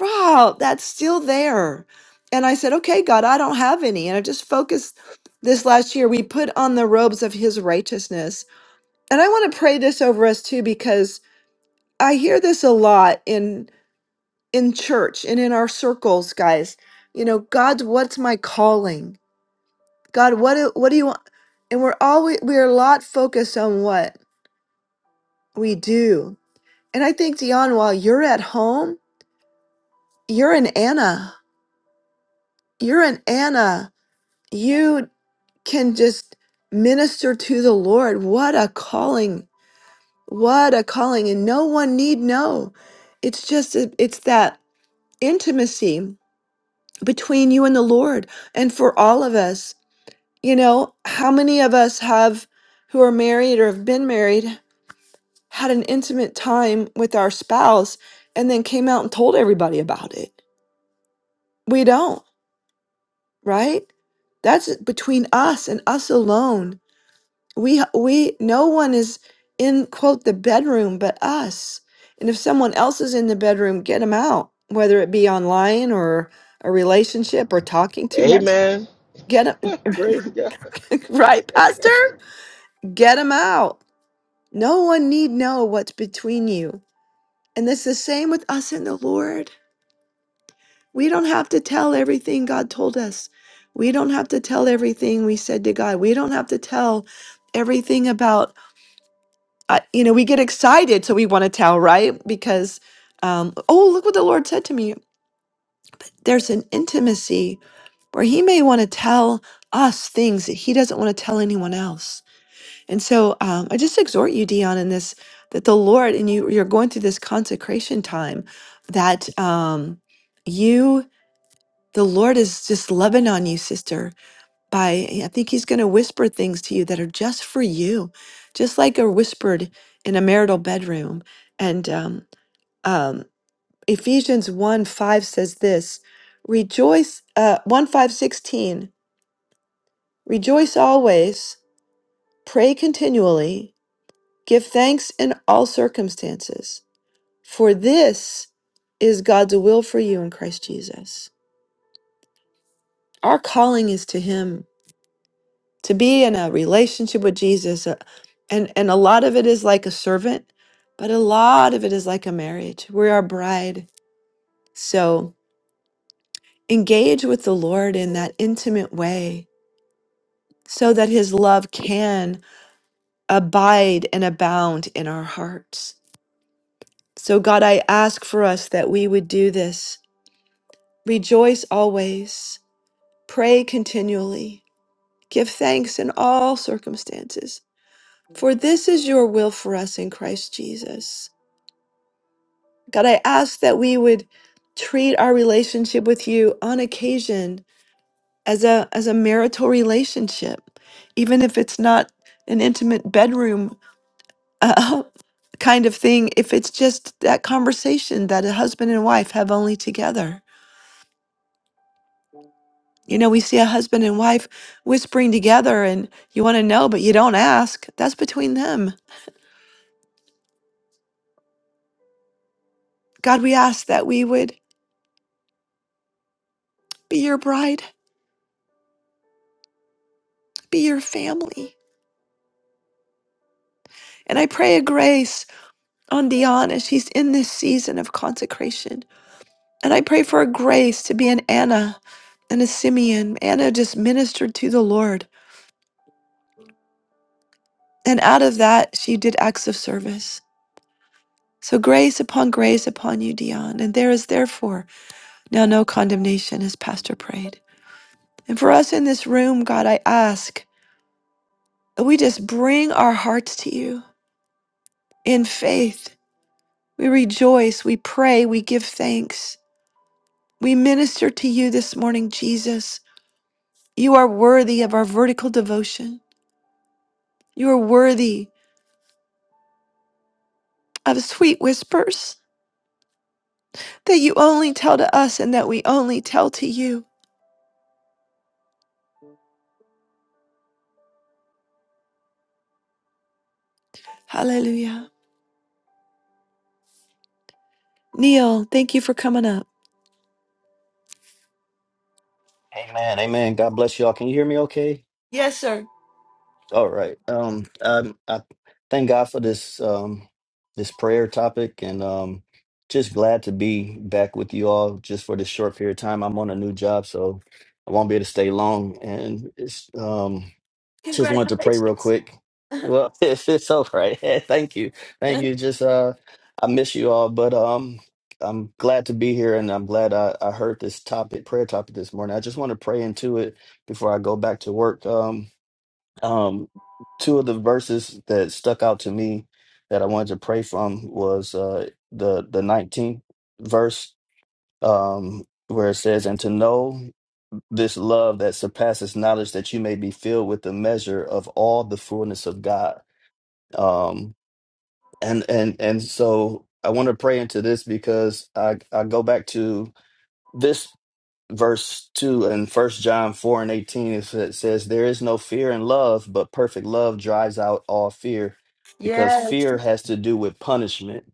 S1: Wow, that's still there. And I said, Okay, God, I don't have any. And I just focused this last year. We put on the robes of his righteousness. And I want to pray this over us too, because I hear this a lot in in church and in our circles, guys. You know, God, what's my calling? God, what do, what do you want? And we're always we're a lot focused on what we do. And I think Dion, while you're at home, you're an Anna. You're an Anna. you can just minister to the Lord. What a calling. What a calling. And no one need know. It's just, it- it's that intimacy between you and the Lord. And for all of us, you know, how many of us have who are married or have been married had an intimate time with our spouse and then came out and told everybody about it? We don't, right? That's between us and us alone. we we no one is in quote the bedroom but us and if someone else is in the bedroom get them out whether it be online or a relationship or talking too much
S4: Amen.
S1: get them
S4: Praise God.
S1: right pastor get them out no one need know what's between you and it's the same with us and the lord we don't have to tell everything god told us we don't have to tell everything we said to god we don't have to tell everything about uh, you know, we get excited, so we want to tell, right? Because, um, oh, look what the Lord said to me. There's an intimacy where He may want to tell us things that He doesn't want to tell anyone else. And so, um, I just exhort you, Dion, in this that the Lord and you you're going through this consecration time that um, you the Lord is just loving on you, sister by I think he's going to whisper things to you that are just for you, just like are whispered in a marital bedroom. And um, um, Ephesians 1 5 says this Rejoice, uh, 1 5 16. rejoice always, pray continually, give thanks in all circumstances, for this is God's will for you in Christ Jesus. Our calling is to Him to be in a relationship with Jesus uh, and and a lot of it is like a servant but a lot of it is like a marriage we're our bride so engage with the Lord in that intimate way so that his love can abide and abound in our hearts so God I ask for us that we would do this rejoice always pray continually give thanks in all circumstances for this is your will for us in Christ Jesus God, I ask that we would treat our relationship with you on occasion as a as a marital relationship, even if it's not an intimate bedroom uh, kind of thing. If it's just that conversation that a husband and wife have only together. You know, we see a husband and wife whispering together, and you want to know, but you don't ask. That's between them. God, we ask that we would be your bride, be your family. And I pray a grace on Deanna. She's in this season of consecration. And I pray for a grace to be an Anna and a Simeon. Anna just ministered to the Lord. And out of that, she did acts of service. So grace upon grace upon you, Dion. And there is therefore now no condemnation, as Pastor prayed. And for us in this room, God, I ask that we just bring our hearts to you in faith. We rejoice, we pray, we give thanks. We minister to you this morning, Jesus. You are worthy of our vertical devotion. You are worthy of sweet whispers that you only tell to us and that we only tell to you. Hallelujah. Neil, thank you for coming up.
S7: Amen. Amen. God bless y'all. Can you hear me okay?
S1: Yes, sir.
S7: All right. Um I I thank God for this um this prayer topic and um just glad to be back with you all just for this short period of time. I'm on a new job, so I won't be able to stay long and it's um just wanted to pray real
S1: Congratulations.
S7: quick. Well, it's, it's all right. Thank you. Thank
S1: Yes,
S7: you. Just uh I miss you all, but um I'm glad to be here and I'm glad I, I heard this topic, prayer topic this morning. I just want to pray into it before I go back to work. Um um two of the verses that stuck out to me that I wanted to pray from was uh the the 19th verse um where it says and to know this love that surpasses knowledge that you may be filled with the measure of all the fullness of God. Um and and and so I want to pray into this because I I go back to this verse 2 in first John 4 and 18 it sa- says there is no fear in love but perfect love drives out all fear because
S1: yes,
S7: fear has to do with punishment.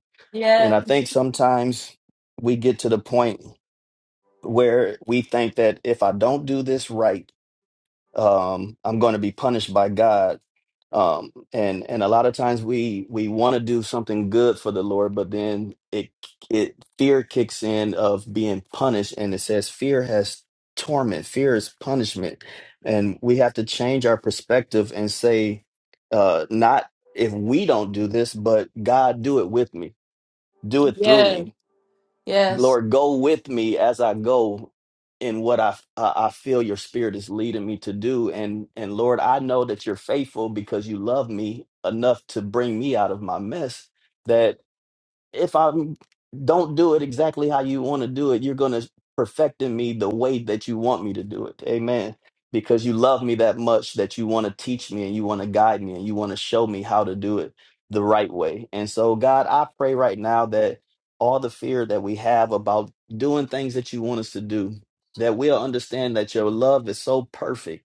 S7: And
S1: yes,
S7: I think sometimes we get to the point where we think that if I don't do this right um, I'm going to be punished by God. Um, and and a lot of times we we want to do something good for the Lord, but then it it fear kicks in of being punished, and it says fear has torment, fear is punishment, and we have to change our perspective and say, uh, not if we don't do this, but God do it with me, do it through
S1: yes,
S7: me.
S1: yes,
S7: Lord, go with me as I go in what I I I feel your spirit is leading me to do and and Lord, I know that you're faithful because you love me enough to bring me out of my mess that if I don't do it exactly how you want to do it, you're going to perfect in me the way that you want me to do it. Amen. Because you love me that much that you want to teach me and you want to guide me and you want to show me how to do it the right way. And so, God, I pray right now that all the fear that we have about doing things that you want us to do, that we'll understand that your love is so perfect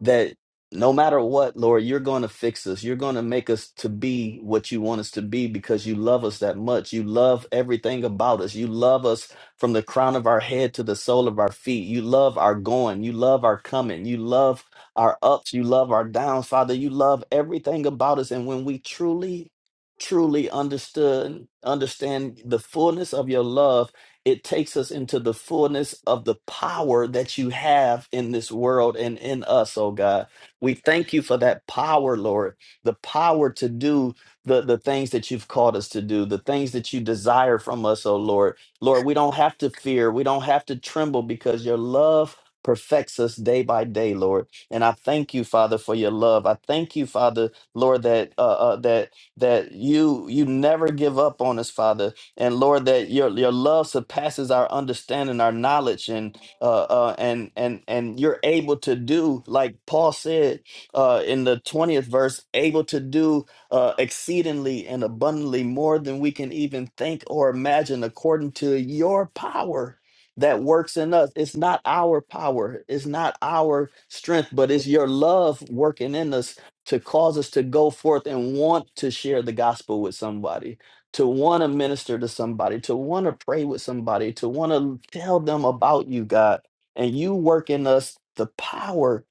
S7: that no matter what, Lord, you're going to fix us. You're going to make us to be what you want us to be because you love us that much. You love everything about us. You love us from the crown of our head to the sole of our feet. You love our going. You love our coming. You love our ups. You love our downs. Father, you love everything about us. And when we truly, truly understood, understand the fullness of your love, it takes us into the fullness of the power that you have in this world and in us, oh God. We thank you for that power, Lord, the power to do the, the things that you've called us to do, the things that you desire from us, oh Lord. Lord, we don't have to fear, we don't have to tremble because your love perfects us day by day, Lord. And I thank you, Father, for your love. I thank you, Father, Lord, that uh, uh that that you you never give up on us, Father and Lord, that your your love surpasses our understanding, our knowledge, and uh, uh, and and and you're able to do, like Paul said uh, in the twentieth verse, able to do uh, exceedingly and abundantly more than we can even think or imagine, according to your power that works in us. It's not our power, it's not our strength, but it's your love working in us to cause us to go forth and want to share the gospel with somebody to want to minister to somebody, to want to pray with somebody, to want to tell them about you, God. And you work in us the power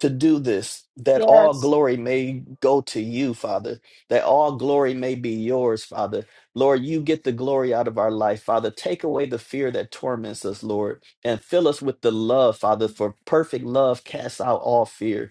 S7: to do this, that all
S1: yes,
S7: glory may go to you, Father, that all glory may be yours, Father. Lord, you get the glory out of our life, Father. Take away the fear that torments us, Lord, and fill us with the love, Father, for perfect love casts out all fear.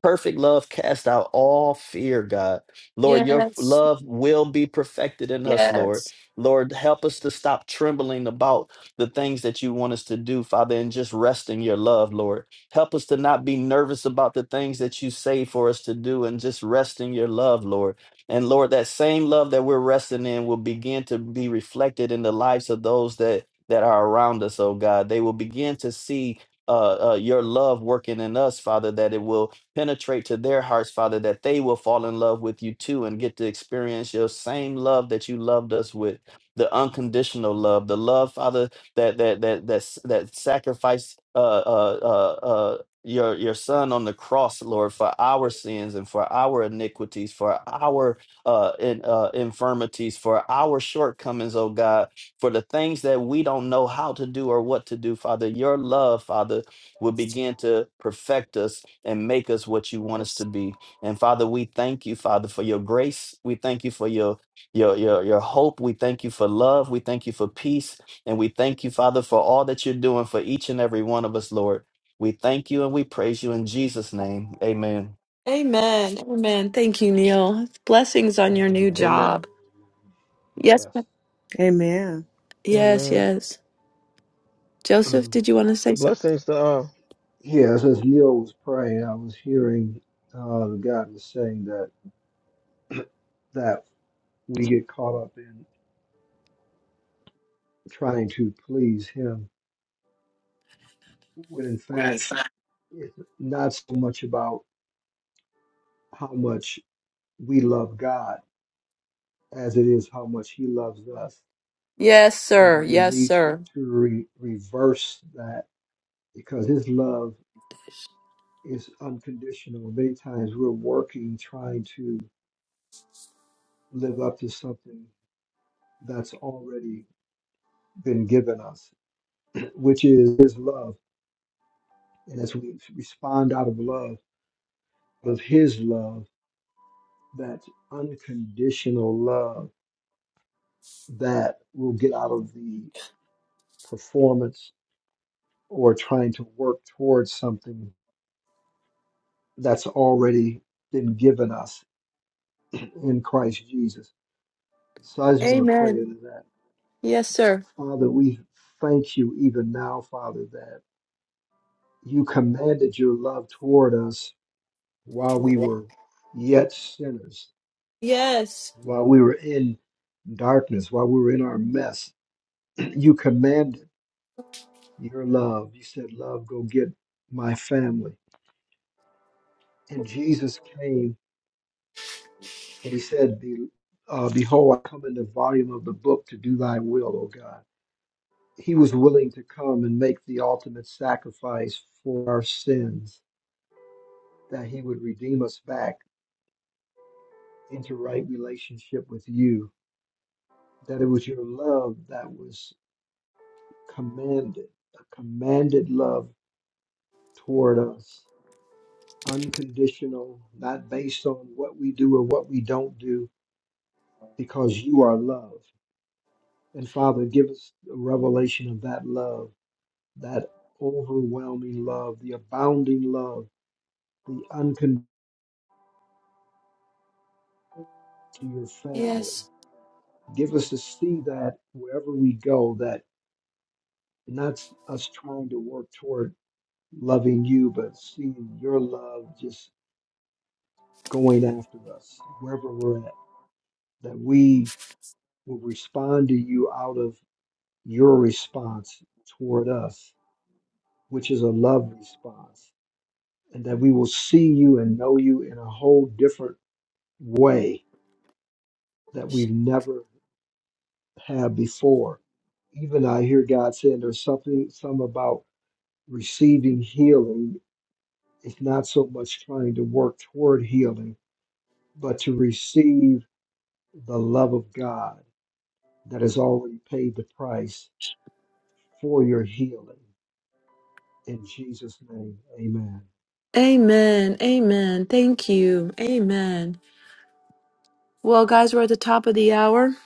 S7: Perfect love cast out all fear, God. Lord, your
S1: yes,
S7: love will be perfected in us, Lord.
S1: yes.
S7: Lord, help us to stop trembling about the things that you want us to do, Father, and just rest in your love, Lord. Help us to not be nervous about the things that you say for us to do and just rest in your love, Lord. And Lord, that same love that we're resting in will begin to be reflected in the lives of those that that are around us, oh God. They will begin to see uh, uh, your love working in us, Father, that it will Penetrate to their hearts, Father, that they will fall in love with you too and get to experience your same love that you loved us with. The unconditional love, the love, Father, that that that that s- that sacrificed uh uh uh uh your your son on the cross, Lord, for our sins and for our iniquities, for our uh, in, uh infirmities, for our shortcomings, oh God, for the things that we don't know how to do or what to do, Father. Your love, Father will begin to perfect us and make us what you want us to
S1: yes.
S7: be. And Father, we thank you, Father, for your grace. We thank you for your your your, your hope. We thank you for love. We thank you for peace. And we thank you, Father, for all that you're doing for each and every one of us, Lord. We thank you and we praise you in Jesus' name. Amen.
S1: Amen. Amen. Thank you, Neil. Blessings on your
S5: Amen.
S1: new
S5: Amen.
S4: Amen.
S1: job. Yes,
S5: Yes.
S1: ma'am.
S2: Amen.
S1: yes,
S4: Amen.
S1: yes. Joseph,
S5: Um,
S1: did you want to say
S4: Blessings to all.
S5: yes, as Neil was praying, I was hearing uh, God was saying that that we get caught up in trying to please Him, when in fact
S1: something?
S5: it's not so much about how much we love God as it is how much He loves us,
S1: Yes,
S5: and
S1: sir.
S5: that we
S1: Yes,
S5: need to,
S1: sir.
S5: to re- reverse that because His love is unconditional. Many times we're working trying to live up to something that's already been given us, which is His love. And as we respond out of love, of His love, that unconditional love that will get out of the performance or trying to work towards something that's already been given us in Christ Jesus. So I just want to pray
S1: Amen.
S5: into that.
S1: Yes, sir.
S5: Father, we thank you even now, Father, that you commanded your love toward us while we were yet sinners,
S1: Yes.
S5: while we were in darkness, while we were in our mess. You commanded your love. You said, Love, go get my family. And Jesus came and he said, Be, uh, Behold, I come in the volume of the book to do thy will, O God. He was willing to come and make the ultimate sacrifice for our sins that he would redeem us back into right relationship with you, that it was your love that was commanded, a commanded love toward us, unconditional, not based on what we do or what we don't do, because you are love. And Father, give us a revelation of that love, that overwhelming love, the abounding love, the unconditional to your family.
S1: Yes.
S5: Give us to see that wherever we go, that And that's us trying to work toward loving you, but seeing your love just going after us wherever we're at, that we will respond to you out of your response toward us, which is a love response, and that we will see you and know you in a whole different way that we've never had before. Even I hear God saying there's something, some about receiving healing. It's not so much trying to work toward healing but to receive the love of God that has already paid the price for your healing. In Jesus' name, amen.
S1: Amen. Amen. Thank you. Amen. Well, guys, we're at the top of the hour.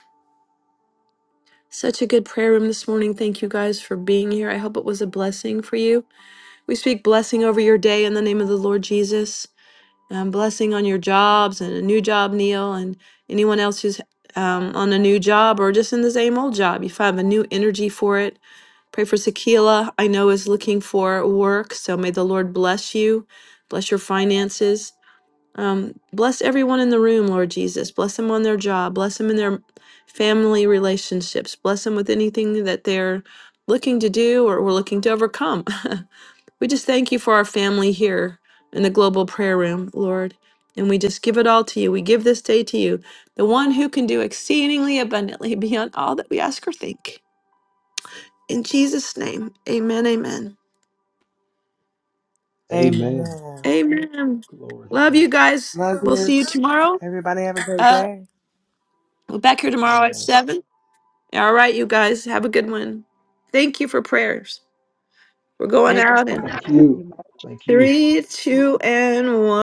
S1: Such a good prayer room this morning. Thank you guys for being here. I hope it was a blessing for you. We speak blessing over your day in the name of the Lord Jesus. um, blessing on your jobs and a new job, Neil, and anyone else who's um, on a new job or just in the same old job. You find a new energy for it. Pray for Sakila, I know is looking for work, so may the Lord bless you, bless your finances. Um, bless everyone in the room, Lord Jesus. Bless them on their job, bless them in their family relationships, bless them with anything that they're looking to do or, or looking to overcome. We just thank you for our family here in the global prayer room, Lord. And we just give it all to you. We give this day to you, the one who can do exceedingly abundantly beyond all that we ask or think. In Jesus' name, amen, amen.
S5: Amen.
S2: Amen.
S1: Amen.
S5: Glory to
S1: Love you
S5: God.
S1: guys.
S2: Love
S1: We'll
S2: you.
S1: see you tomorrow.
S2: Everybody have a great
S1: Uh,
S2: day.
S1: we're back here tomorrow at
S5: Amen.
S1: 7. All right, you guys, have a good one. Thank you for prayers. We're
S6: Thank
S1: going
S6: you.
S1: out in
S5: Thank you. Thank you.
S1: three, two, and one.